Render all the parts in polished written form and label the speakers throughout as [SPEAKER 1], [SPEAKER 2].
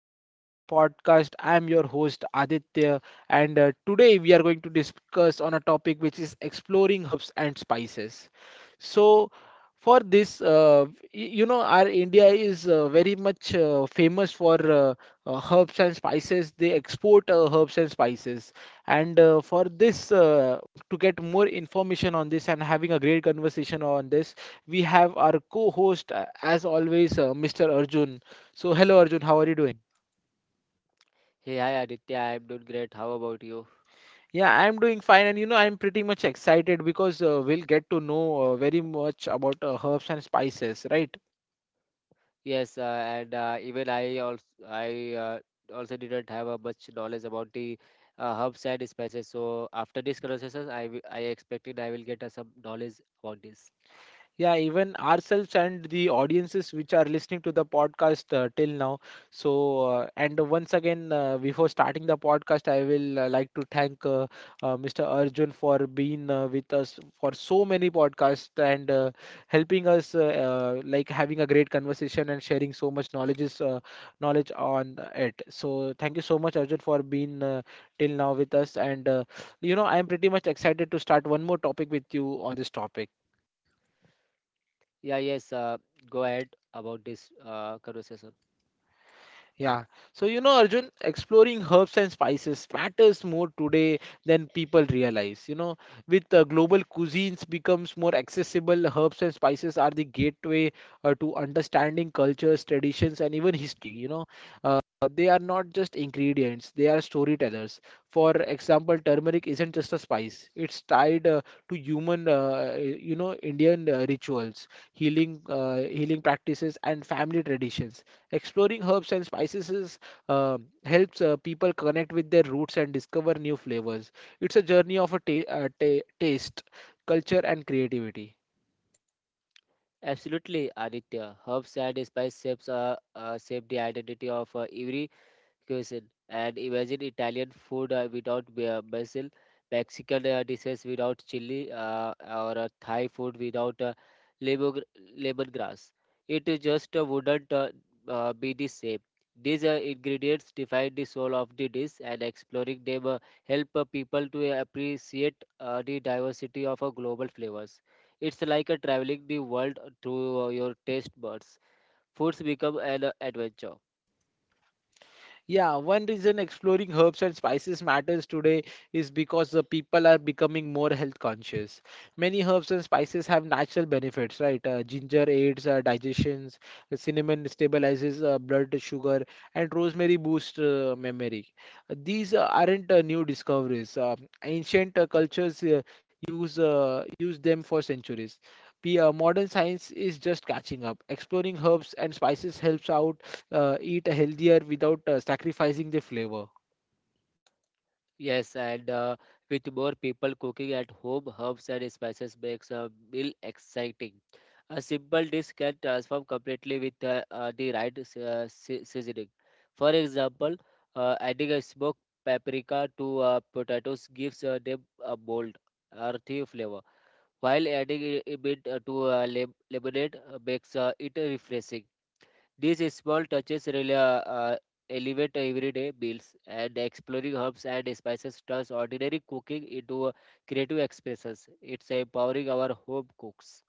[SPEAKER 1] again to today's podcast. I am your host Aditya, and today we are going to discuss on a topic which is exploring herbs and spices. So, for this, our India is very much famous for herbs and spices. They export herbs and spices, and for this, to get more information on this and having a great conversation on this we have our co-host, as always, Mr. Arjun. So, hello, Arjun. How are you doing?
[SPEAKER 2] Hey, hi Aditya. I'm doing great. How about you?
[SPEAKER 1] Yeah, I'm doing fine, and you know, I'm pretty much excited because we'll get to know very much about herbs and spices, right?
[SPEAKER 2] Yes, and even I also didn't have a much knowledge about the herbs and spices. So after this conversation, I expected I will get some knowledge about this.
[SPEAKER 1] Yeah, even ourselves and the audiences which are listening to the podcast till now. So and once again before starting the podcast I will like to thank Mr. Arjun for being with us for so many podcasts, and helping us like having a great conversation and sharing so much knowledge on it. So thank you so much, Arjun, for being till now with us, and you know, I am pretty much excited to start one more topic with you on this topic.
[SPEAKER 2] Yeah, yes. Go ahead about this conversation.
[SPEAKER 1] Yeah. So, you know, Arjun, exploring herbs and spices matters more today than people realize. You know, with global cuisines becomes more accessible, herbs and spices are the gateway to understanding cultures, traditions, and even history. You know, uh, they are not just ingredients, they are storytellers. For example, turmeric isn't just a spice, it's tied to human, Indian rituals, healing practices, and family traditions. Exploring herbs and spices uh, helps people connect with their roots and discover new flavors. It's a journey of taste, culture, and creativity.
[SPEAKER 2] Absolutely, Aditya. Herbs and spice shape the identity of every cuisine, and imagine Italian food without basil, Mexican dishes without chili, or Thai food without lemon, lemongrass. It just wouldn't be the same. These ingredients define the soul of the dish, and exploring them help people to appreciate the diversity of global flavors. It's like traveling the world through your taste buds. Foods become an adventure.
[SPEAKER 1] Yeah, one reason exploring herbs and spices matters today is because the people are becoming more health conscious. Many herbs and spices have natural benefits, right? Ginger aids digestions, cinnamon stabilizes blood sugar, and rosemary boosts memory. These aren't new discoveries. Ancient cultures use them for centuries. Modern science is just catching up. Exploring herbs and spices helps out eat healthier without sacrificing the flavor.
[SPEAKER 2] Yes, and with more people cooking at home, herbs and spices makes a meal exciting. A simple dish can transform completely with the right seasoning. For example, adding a smoked paprika to potatoes gives them a bold, earthy flavor, while adding a bit to lemonade makes it refreshing. These small touches really elevate everyday meals, and exploring herbs and spices turns ordinary cooking into a creative expressions. It's empowering our home cooks.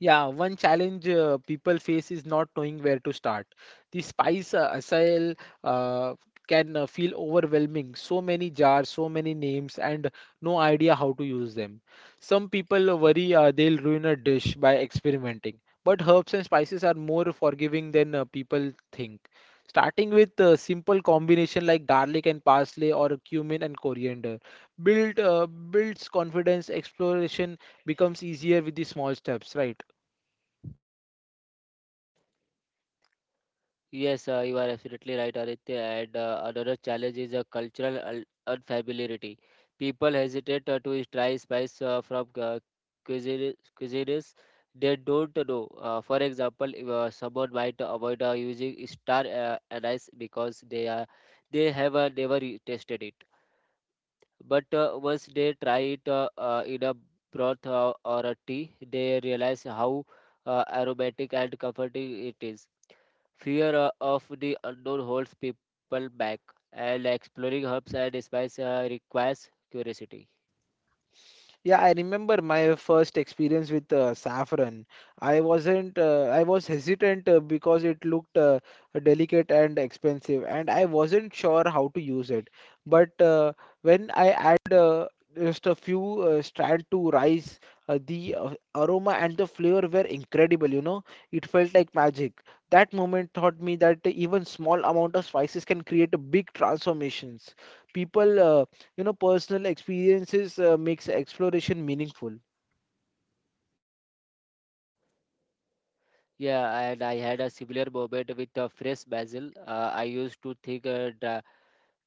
[SPEAKER 1] Yeah, one challenge people face is not knowing where to start. The spice aisle uh, can feel overwhelming. So many jars, so many names, and no idea how to use them. Some people worry they'll ruin a dish by experimenting. But herbs and spices are more forgiving than people think. Starting with a simple combination like garlic and parsley or cumin and coriander builds confidence. Exploration becomes easier with the small steps, right?
[SPEAKER 2] Yes, you are absolutely right, Aditya. And another challenge is a cultural unfamiliarity. People hesitate to try spice from cuisine- cuisines they don't know. For example, if, someone might avoid using star anise because they have never tasted it. But once they try it in a broth or a tea, they realize how aromatic and comforting it is. Fear of the unknown holds people back, and exploring herbs and spices requires curiosity.
[SPEAKER 1] Yeah, I remember my first experience with saffron. I wasn't, I was hesitant because it looked delicate and expensive, and I wasn't sure how to use it. But when I add just a few strand to rice, the aroma and the flavor were incredible, you know. It felt like magic. That moment taught me that even small amount of spices can create a big transformations. People uh, personal experiences makes exploration meaningful.
[SPEAKER 2] Yeah, and I had a similar moment with fresh basil. I used to think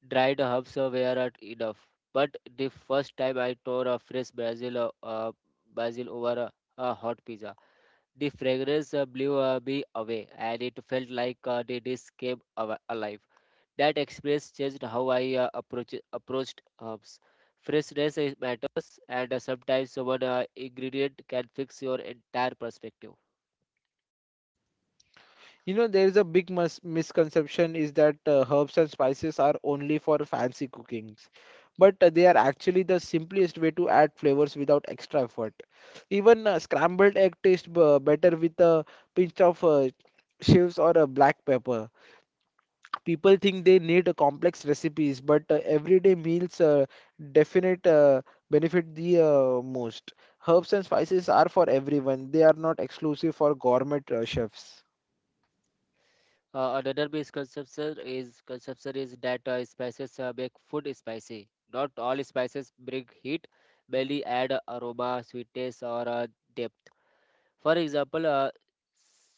[SPEAKER 2] dried herbs were not enough, but the first time I tore a fresh basil over a hot pizza, the fragrance blew me away, and it felt like the dish came alive. That experience changed how I approached herbs. Freshness is matters, and sometimes one ingredient can fix your entire perspective.
[SPEAKER 1] You know, there is a big mis misconception is that herbs and spices are only for fancy cookings, but they are actually the simplest way to add flavors without extra effort. Even scrambled egg tastes b better with a pinch of chives or a black pepper. People think they need a complex recipes, but everyday meals definite benefit the most. Herbs and spices are for everyone. They are not exclusive for gourmet chefs.
[SPEAKER 2] Another misconception is that spices make food spicy. Not all spices bring heat; many add aroma, sweetness, or depth. For example, uh,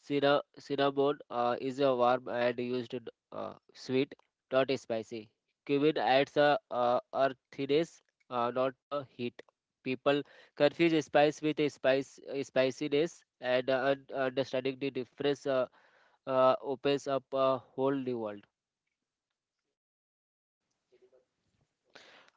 [SPEAKER 2] cinna- cinnamon is a warm and used in sweet, not spicy. Cumin adds a earthiness, not a heat. People confuse spice with a spice spiciness, and understanding the difference opens up a whole new world.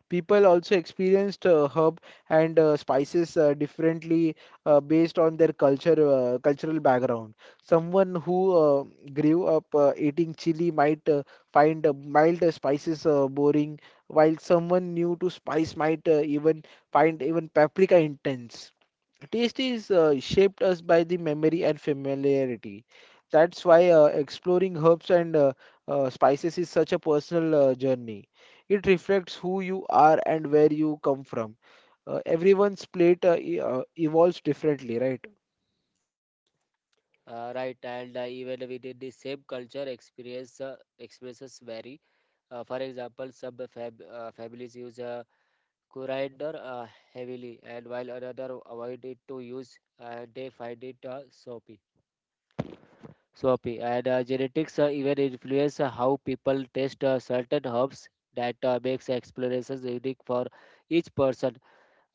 [SPEAKER 1] People also experienced herb and spices differently based on their culture cultural background. Someone who uh, grew up eating chili might find mild spices boring, while someone new to spice might even find even paprika intense. Taste is shaped us by the memory and familiarity. That's why exploring herbs and spices is such a personal journey. It reflects who you are and where you come from. Everyone's plate evolves differently, right?
[SPEAKER 2] Right, and even within the same culture, experiences vary. For example, some families use corridor heavily, and while another avoided to use, and they find it soapy. Soapy and genetics even influence how people taste certain herbs. That makes explorations unique for each person.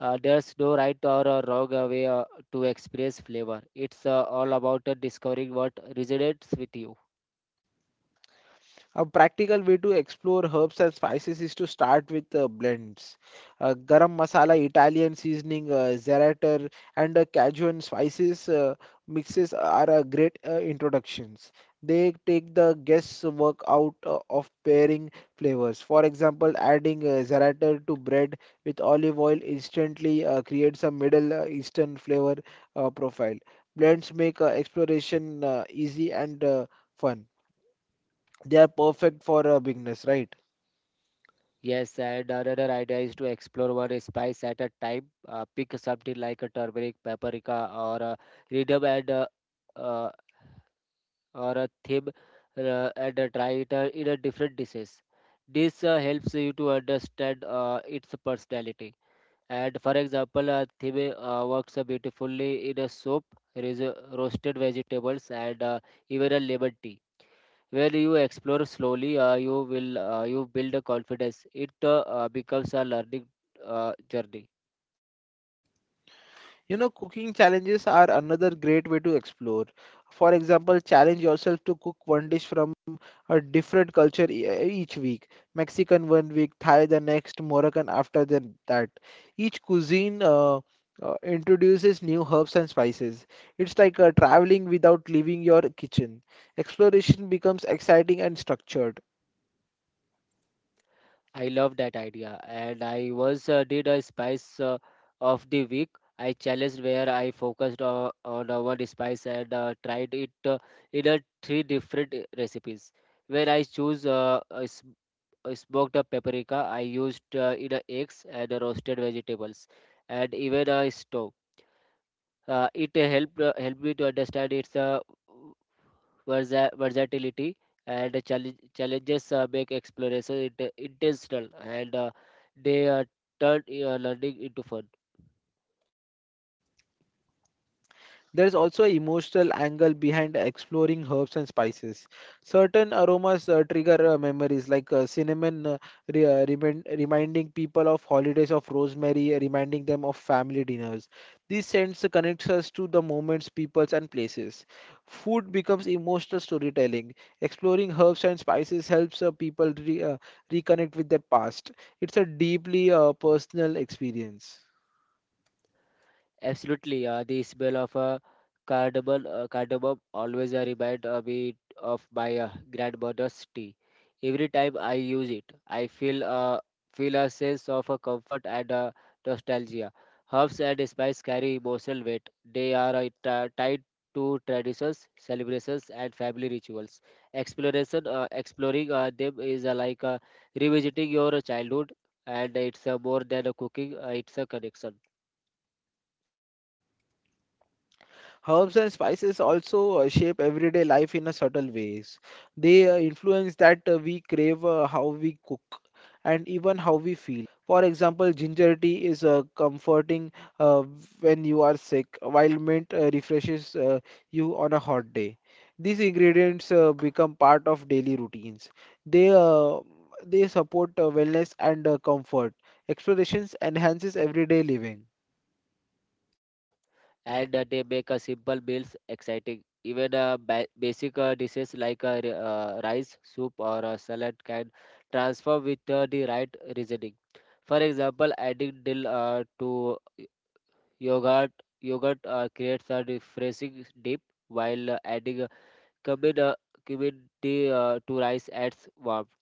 [SPEAKER 2] There's no right or wrong way to experience flavor. It's all about discovering what resonates with you.
[SPEAKER 1] A practical way to explore herbs and spices is to start with blends. Garam masala, Italian seasoning, za'atar, and Cajun spices mixes are great introductions. They take the guesswork out of pairing flavors. For example, adding za'atar to bread with olive oil instantly creates a Middle Eastern flavor profile. Blends make exploration easy and fun. They are perfect for beginners, right?
[SPEAKER 2] Yes, and another idea is to explore one spice at a time. Pick something like a turmeric, paprika, or a rhythm and uh, or a thyme, and try it in a different dishes. This helps you to understand its personality. And for example, thyme works beautifully in a soup, roasted vegetables, and even a lemon tea. Where you explore slowly you build a confidence. It becomes a learning journey.
[SPEAKER 1] You know, cooking challenges are another great way to explore. For example, challenge yourself to cook one dish from a different culture each week. Mexican one week, Thai the next, Moroccan after that. Each cuisine introduces new herbs and spices. It's like traveling without leaving your kitchen. Exploration becomes exciting and structured.
[SPEAKER 2] I love that idea, and I was did a spice of the week. I challenged where I focused on one spice, and tried it in a three different recipes, where I choose. Uh, I smoked a paprika, I used in a eggs and roasted vegetables, and even a stew. It helped me to understand its versatility, and the challenges make exploration intentional, and they turn learning into fun.
[SPEAKER 1] There is also an emotional angle behind exploring herbs and spices. Certain aromas trigger memories, like cinnamon reminding people of holidays of rosemary, reminding them of family dinners. These scents connects us to the moments, peoples, and places. Food becomes emotional storytelling. Exploring herbs and spices helps people reconnect with their past. It's a deeply personal experience.
[SPEAKER 2] Absolutely, the smell of a cardamom always remind me of my grandmother's tea. Every time I use it, I feel a sense of comfort and nostalgia. Herbs and spices carry emotional weight. They are tied to traditions, celebrations, and family rituals. Exploring them is like revisiting your childhood, and it's more than a cooking. It's a connection.
[SPEAKER 1] Herbs and spices also shape everyday life in a subtle ways. They influence that we crave, how we cook, and even how we feel. For example, ginger tea is comforting uh, when you are sick, while mint refreshes you on a hot day. These ingredients become part of daily routines. They uh, they support wellness and comfort. Explorations enhances everyday living.
[SPEAKER 2] And they make simple meals exciting. Even basic dishes like rice, soup, or salad can transform with the right reasoning. For example, adding dill to yogurt yogurt creates a refreshing dip, while adding cumin, uh, cumin tea, to rice adds warmth.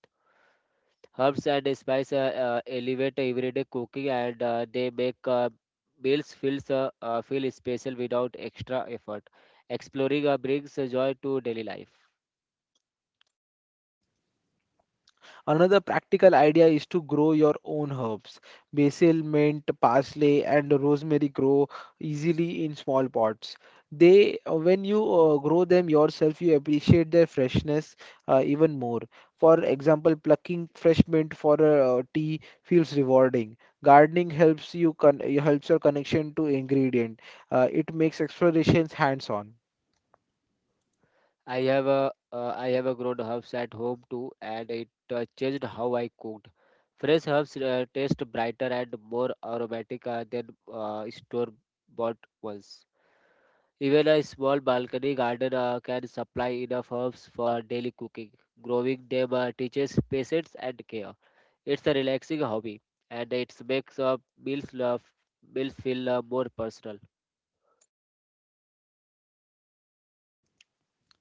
[SPEAKER 2] Herbs and spices elevate everyday cooking, and they make meals feel special without extra effort. Exploring brings joy to daily life.
[SPEAKER 1] Another practical idea is to grow your own herbs. Basil, mint, parsley, and rosemary grow easily in small pots. When you grow them yourself, you appreciate their freshness even more. For example, plucking fresh mint for a tea feels rewarding. Gardening helps you con- helps your connection to ingredient. It makes explorations hands-on.
[SPEAKER 2] I have a grown herbs at home too, and it changed how I cooked. Fresh herbs taste brighter and more aromatic than store bought ones. Even a small balcony garden can supply enough herbs for daily cooking. Growing them teaches patience and care. It's a relaxing hobby, and it makes meals, uh, meals feel more personal.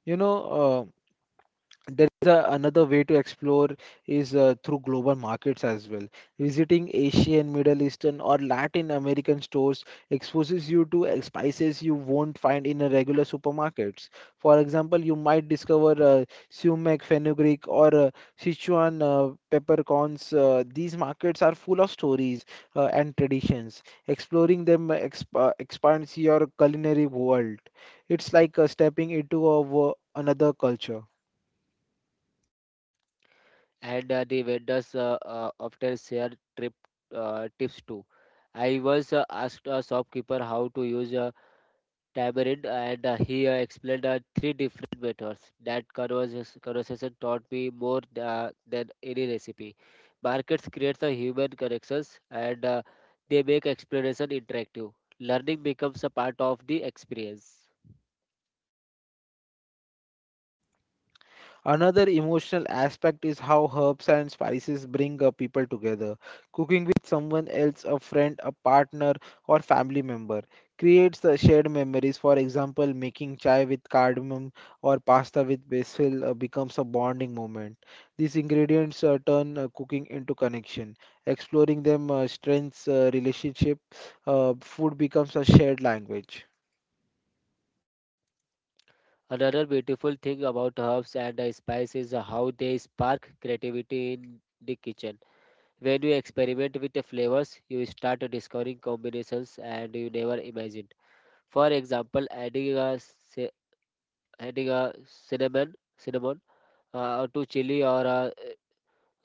[SPEAKER 1] You know. There is another way to explore is through global markets as well. Visiting Asian, Middle Eastern, or Latin American stores exposes you to spices you won't find in a regular supermarkets. For example, you might discover sumac, fenugreek, or Sichuan peppercorns. These markets are full of stories and traditions. Exploring them expands your culinary world. It's like stepping into another culture.
[SPEAKER 2] And the vendors often share trip tips too. I once asked a shopkeeper how to use a Tiberid, and he explained three different methods. That conversation taught me more than any recipe. Markets create the human connections, and they make exploration interactive. Learning becomes a part of the experience.
[SPEAKER 1] Another emotional aspect is how herbs and spices bring people together. Cooking with someone else, a friend, a partner, or family member, creates shared memories. For example, making chai with cardamom or pasta with basil becomes a bonding moment. These ingredients turn cooking into connection. Exploring them strengthens relationship. Food becomes a shared language.
[SPEAKER 2] Another beautiful thing about herbs and spices is how they spark creativity in the kitchen. When you experiment with the flavors, you start discovering combinations and you never imagined. For example, adding cinnamon to chili or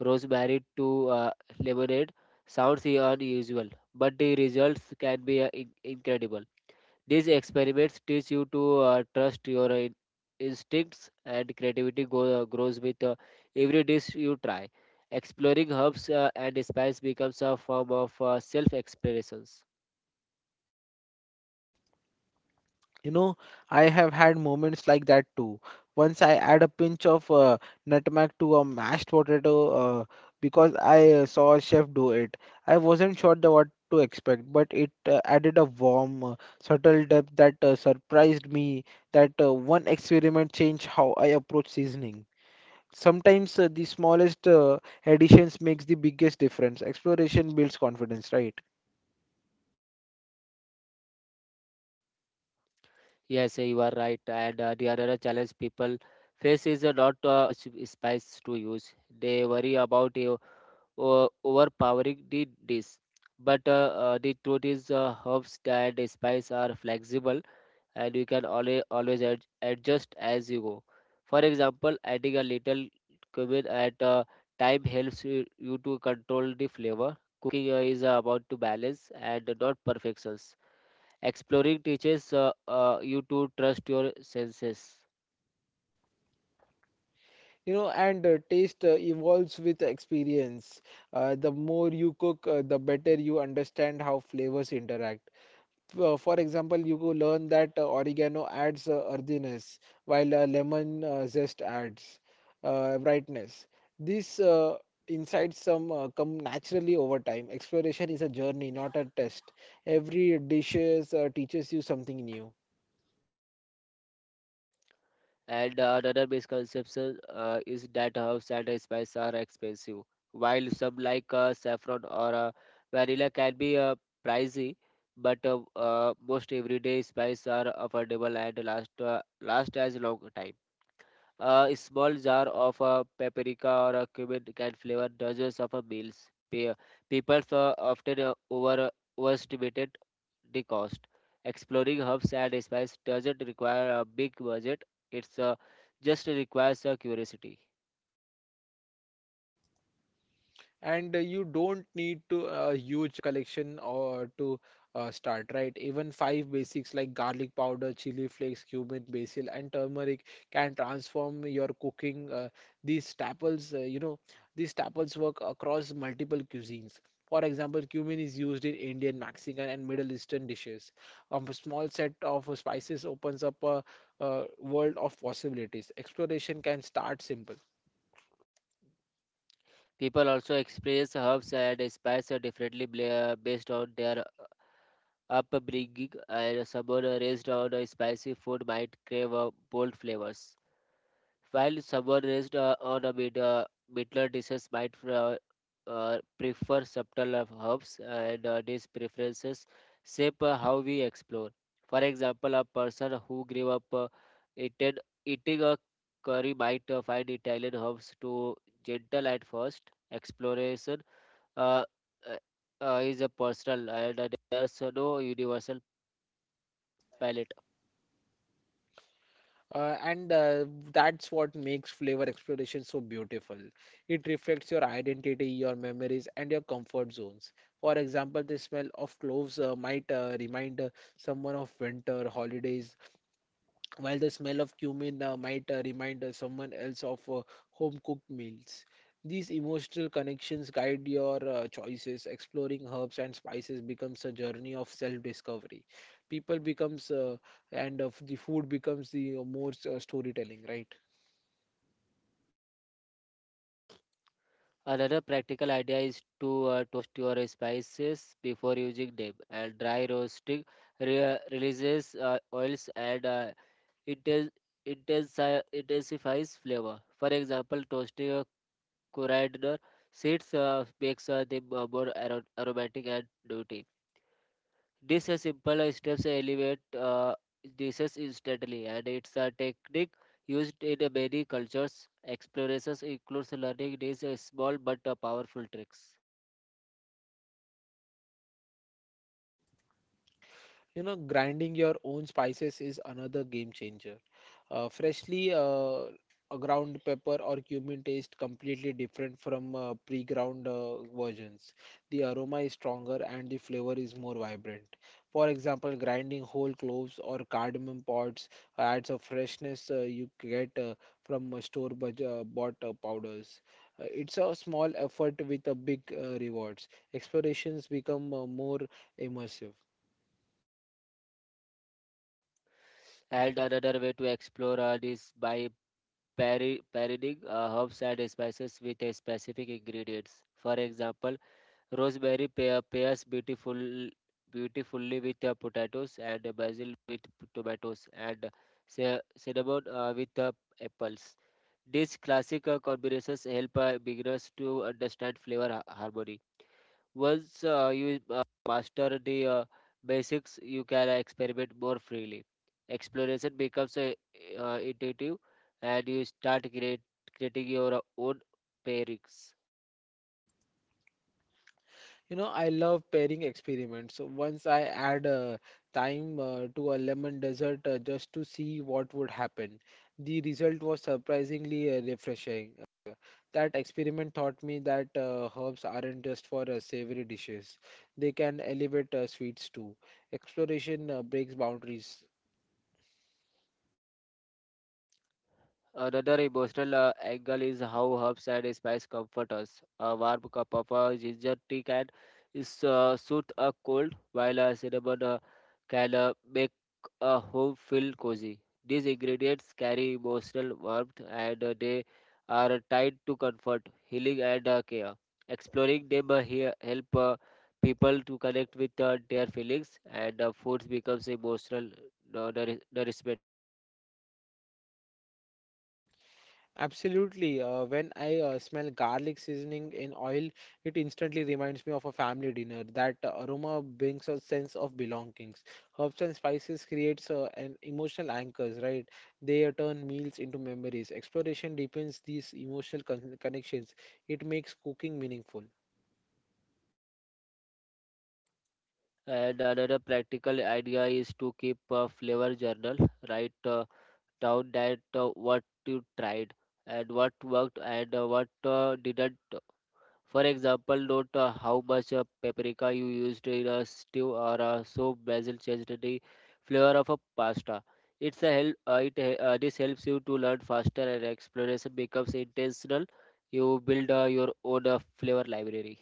[SPEAKER 2] rosemary to lemonade sounds unusual, but the results can be incredible. These experiments teach you to trust your instincts, and creativity grows with every dish you try. Exploring herbs and spices becomes a form of self-exploration.
[SPEAKER 1] You know, I have had moments like that too. Once I add a pinch of nutmeg to a mashed potato uh, because I saw a chef do it. I wasn't sure the what to expect, but it added a warm, subtle depth that surprised me. That one experiment changed how I approach seasoning. Sometimes the smallest additions makes the biggest difference. Exploration builds confidence, right?
[SPEAKER 2] Yes, you are right. And the other challenge people face is not spice to use. They worry about overpowering the dish. But the truth is, herbs and spice are flexible, and you can always adjust as you go. For example, adding a little cumin at a time helps you to control the flavor. Cooking is about to balance and not perfections. Exploring teaches you to trust your senses.
[SPEAKER 1] You know, and taste evolves with experience. The more you cook, the better you understand how flavors interact. For example, you could learn that oregano adds earthiness, while lemon zest adds brightness. These insights some come naturally over time. Exploration is a journey, not a test. Every dish teaches you something new.
[SPEAKER 2] And another misconception is that herbs and spices are expensive. While some like saffron or vanilla can be pricey, but most everyday spices are affordable and last as long time. A small jar of a paprika or a cumin can flavor dozens of a meals. People often overestimated the cost. Exploring herbs and spices doesn't require a big budget. It's just requires a curiosity.
[SPEAKER 1] And you don't need to a huge collection or to start right. Even 5 basics like garlic powder, chili flakes, cumin, basil, and turmeric can transform your cooking. Uh, these staples uh, you know these staples work across multiple cuisines. For example, cumin is used in Indian, Mexican, and Middle Eastern dishes. A small set of spices opens up a world of possibilities. Exploration can start simple.
[SPEAKER 2] People also experience herbs and spices differently based on their upbringing, and someone raised on a spicy food might crave bold flavors. While someone raised on a middler dishes might prefer subtle of herbs, and these preferences shape how we explore. For example, a person who grew up eaten, eating a curry might find Italian herbs too gentle at first. Exploration uh, uh, is a personal, and there's no universal palette.
[SPEAKER 1] And That's what makes flavor exploration so beautiful. It reflects your identity, your memories, and your comfort zones. For example, the smell of cloves might remind someone of winter, holidays, while the smell of cumin might remind someone else of home cooked meals. These emotional connections guide your choices. Exploring herbs and spices becomes a journey of self discovery. People becomes and of the food becomes the more storytelling, right?
[SPEAKER 2] Another practical idea is to toast your spices before using them, and dry roasting releases oils and inten- intensifies flavor. For example, toasting coriander seeds makes them more aromatic and nutty. This is simple steps elevate dishes instantly, and it's a technique used in many cultures. Explorations includes learning these small but powerful tricks.
[SPEAKER 1] You know, grinding your own spices is another game changer. Freshly A ground pepper or cumin taste completely different from pre-ground versions. The aroma is stronger and the flavor is more vibrant. For example, grinding whole cloves or cardamom pods adds a freshness you get from bought powders. It's a small effort with a big rewards. Explorations become more immersive.
[SPEAKER 2] And another way to explore art is by pairing herbs and spices with a specific ingredients. For example, rosemary pairs beautifully with potatoes, and basil with tomatoes, and cinnamon with apples. These classic combinations help beginners to understand flavor harmony. Once you master the basics, you can experiment more freely. Exploration becomes intuitive, and you creating your own pairings.
[SPEAKER 1] You know, I love pairing experiments. So once I add thyme to a lemon dessert just to see what would happen, the result was surprisingly refreshing. That experiment taught me that herbs aren't just for savory dishes; they can elevate sweets too. Exploration breaks boundaries.
[SPEAKER 2] Another emotional angle is how herbs and spices comfort us. A warm cup of ginger tea can soothe a cold, while a cinnamon can make a home feel cozy. These ingredients carry emotional warmth, and they are tied to comfort, healing, and care. Exploring them here help people to connect with their feelings, and foods becomes emotional nourishment.
[SPEAKER 1] Absolutely. When I smell garlic seasoning in oil, it instantly reminds me of a family dinner. That aroma brings a sense of belongings. Herbs and spices creates an emotional anchors, right? They turn meals into memories. Exploration deepens these emotional connections. It makes cooking meaningful.
[SPEAKER 2] And another practical idea is to keep a flavor journal. Write down that what you tried and what worked and what didn't. For example, note how much paprika you used in a stew, or so basil changed the flavor of a pasta. It's a help. This helps you to learn faster, and exploration becomes intentional. You build your own flavor library.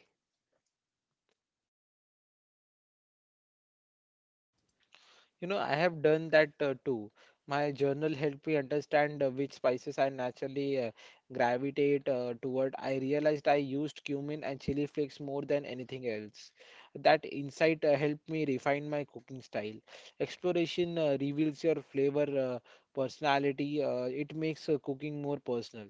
[SPEAKER 1] You know, I have done that too. My journal helped me understand which spices I naturally gravitate toward. I realized I used cumin and chili flakes more than anything else. That insight helped me refine my cooking style. Exploration reveals your flavor uh, personality. It makes cooking more personal.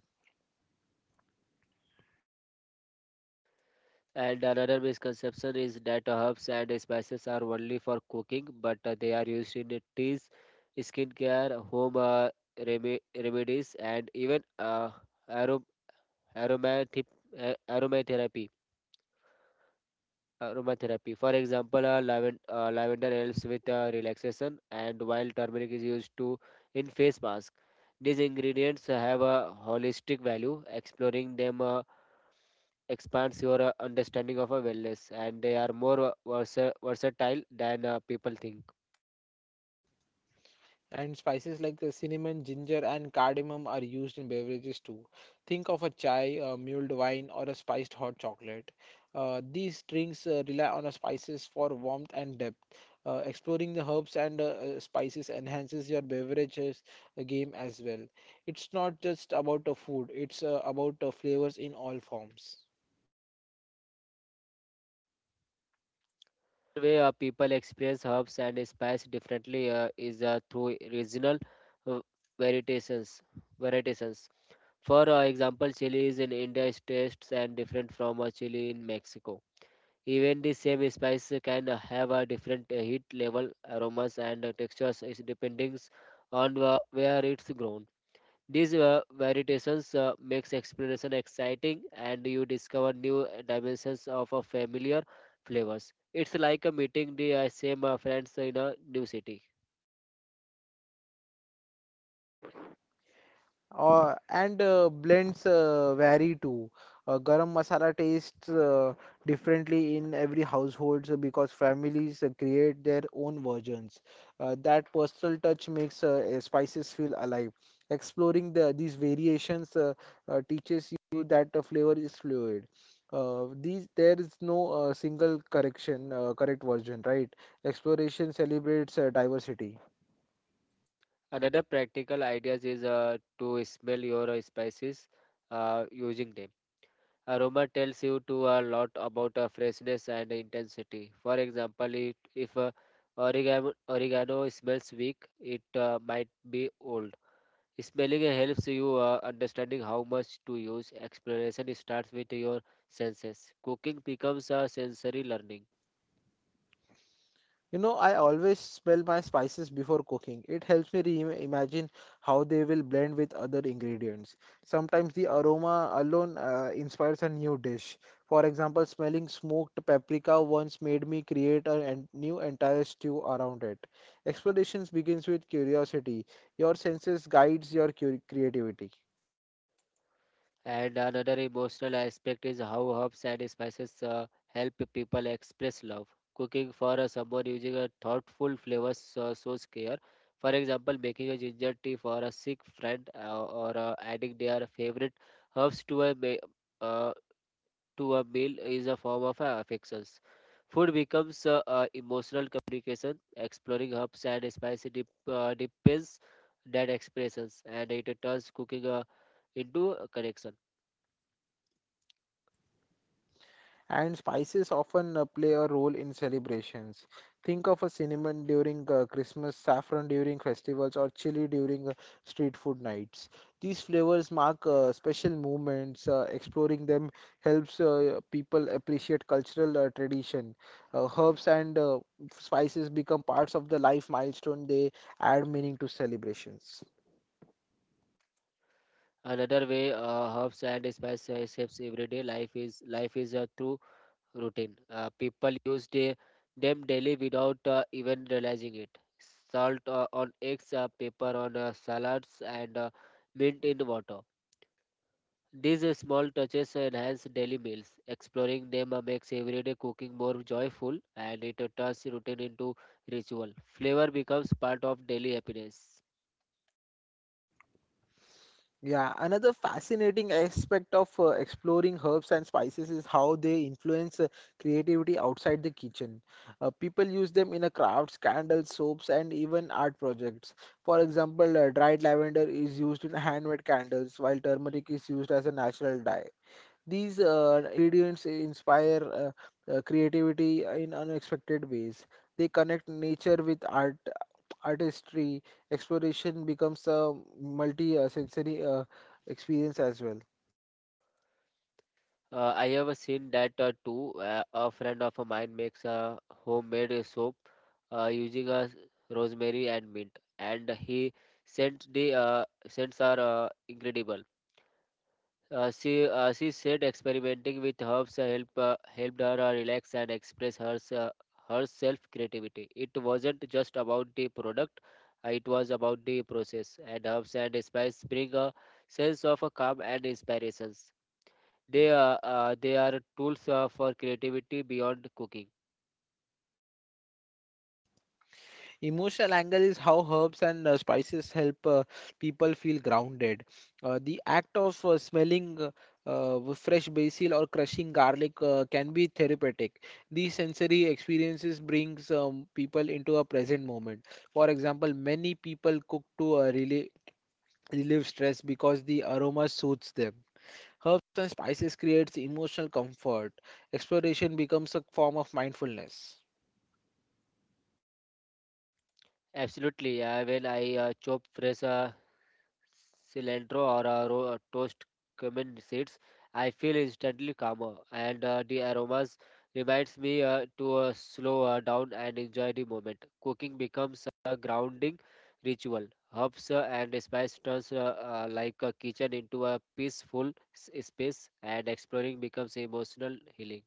[SPEAKER 2] And another misconception is that herbs and spices are only for cooking, but they are used in teas, skincare, home remedies, and even arom- aromathe- aromatherapy. Aromatherapy. For example, lavender helps with relaxation, and while turmeric is used to in face mask. These ingredients have a holistic value. Exploring them expands your understanding of a wellness, and they are more versatile than people think.
[SPEAKER 1] And spices like the cinnamon, ginger, and cardamom are used in beverages too. Think of a chai, a mulled wine, or a spiced hot chocolate. These drinks rely on spices for warmth and depth. Exploring the herbs and spices enhances your beverages game as well. It's not just about the food, it's about flavors in all forms.
[SPEAKER 2] Another way people experience herbs and spice differently is through regional uh, variations. variations. For example, chilies in India is tastes and different from a chili in Mexico. Even the same spice can have a different heat level, aromas, and textures is depending on where it's grown. These variations makes exploration exciting, and you discover new dimensions of a familiar flavors. It's like a meeting the same friends in a new city.
[SPEAKER 1] And blends vary too. Garam masala tastes differently in every household so because families create their own versions. That personal touch makes spices feel alive. Exploring these variations teaches you that the flavor is fluid. These There is no single correct version, right? Exploration celebrates diversity.
[SPEAKER 2] Another practical idea is to smell your spices using them. Aroma tells you to a lot about freshness and intensity. For example, if oregano smells weak, it might be old. Smelling helps you understanding how much to use. Exploration starts with your senses. Cooking becomes a sensory learning.
[SPEAKER 1] You know, I always smell my spices before cooking. It helps me re-imagine how they will blend with other ingredients. Sometimes the aroma alone inspires a new dish. For example, smelling smoked paprika once made me create a new entire stew around it. Explorations begins with curiosity. Your senses guides your cu creativity.
[SPEAKER 2] And another emotional aspect is how herbs and spices help people express love. Cooking for someone using a thoughtful flavors shows care. For example, making a ginger tea for a sick friend or adding their favorite herbs uh, to a meal is a form of affections. Food becomes emotional communication, exploring herbs and spicy dip, depends that expressions, and it turns cooking into a connection.
[SPEAKER 1] And spices often play a role in celebrations. Think of a cinnamon during Christmas, saffron during festivals, or chili during street food nights. These flavors mark special moments. Exploring them helps people appreciate cultural tradition. Herbs and spices become parts of the life milestone. They add meaning to celebrations.
[SPEAKER 2] Another way herbs and spices shapes everyday life is through routine. People them daily without even realizing it. Salt on eggs, pepper on salads, and mint in water. These small touches enhance daily meals. Exploring them makes everyday cooking more joyful, and it turns routine into ritual. Flavor becomes part of daily happiness.
[SPEAKER 1] Yeah, another fascinating aspect of exploring herbs and spices is how they influence creativity outside the kitchen. People use them in a crafts, candles, soaps, and even art projects. For example, dried lavender is used in handmade candles, while turmeric is used as a natural dye. These ingredients inspire creativity in unexpected ways. They connect nature with artistry. Exploration becomes a multi sensory experience as well.
[SPEAKER 2] I have seen that too. A friend of mine makes a homemade soap using a rosemary and mint, and he sent the scents are incredible. She she said experimenting with herbs helped her relax and express her herself creativity. It wasn't just about the product, it was about the process. And herbs and spice bring a sense of calm and inspirations. They are tools for creativity beyond cooking.
[SPEAKER 1] Emotional angle is how herbs and spices help people feel grounded. The act of smelling fresh basil or crushing garlic can be therapeutic. These sensory experiences brings people into a present moment. For example, many people cook to relieve stress because the aroma soothes them. Herbs and spices creates emotional comfort. Exploration becomes a form of mindfulness.
[SPEAKER 2] Absolutely. I will. I chop fresh cilantro or toast cumin seeds. I feel instantly calmer, and the aromas reminds me to slow down and enjoy the moment. Cooking becomes a grounding ritual. Herbs and spice turns like a kitchen into a peaceful space, and exploring becomes emotional healing.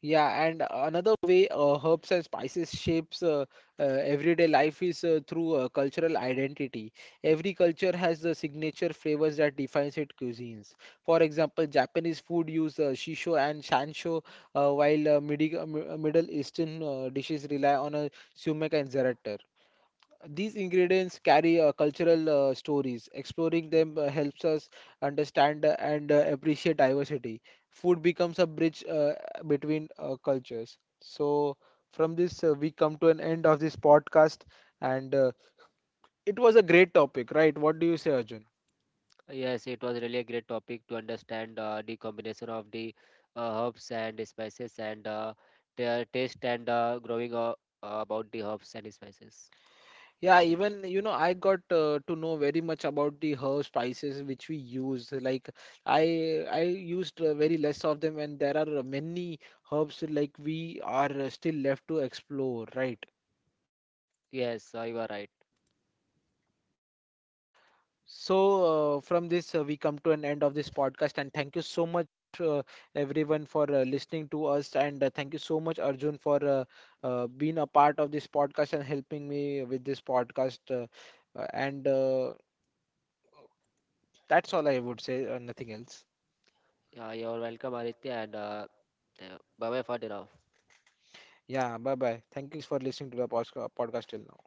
[SPEAKER 1] Yeah, and another way herbs and spices shapes everyday life is through cultural identity. Every culture has the signature flavors that defines its cuisines. For example, Japanese food use shisho and shansho, while Middle Eastern dishes rely on a sumac and zarat. These ingredients carry cultural stories. Exploring them helps us understand and appreciate diversity. Food becomes a bridge between cultures. So, from this, we come to an end of this podcast, and it was a great topic, right? What do you say, Arjun?
[SPEAKER 2] Yes, it was really a great topic to understand the combination of the herbs and spices and their taste and growing about the herbs and spices.
[SPEAKER 1] Yeah, even you know, I got to know very much about the herb spices which we use. Like I used very less of them, and there are many herbs like we are still left to explore, right?
[SPEAKER 2] Yes, you are right.
[SPEAKER 1] So from this, we come to an end of this podcast, and thank you so much, uh, everyone, for listening to us, and thank you so much, Arjun, for being a part of this podcast and helping me with this podcast. And That's all I would say, nothing else.
[SPEAKER 2] You are welcome, Aditya, and bye bye for the now.
[SPEAKER 1] Yeah, bye bye. Thank you for listening to the podcast till now.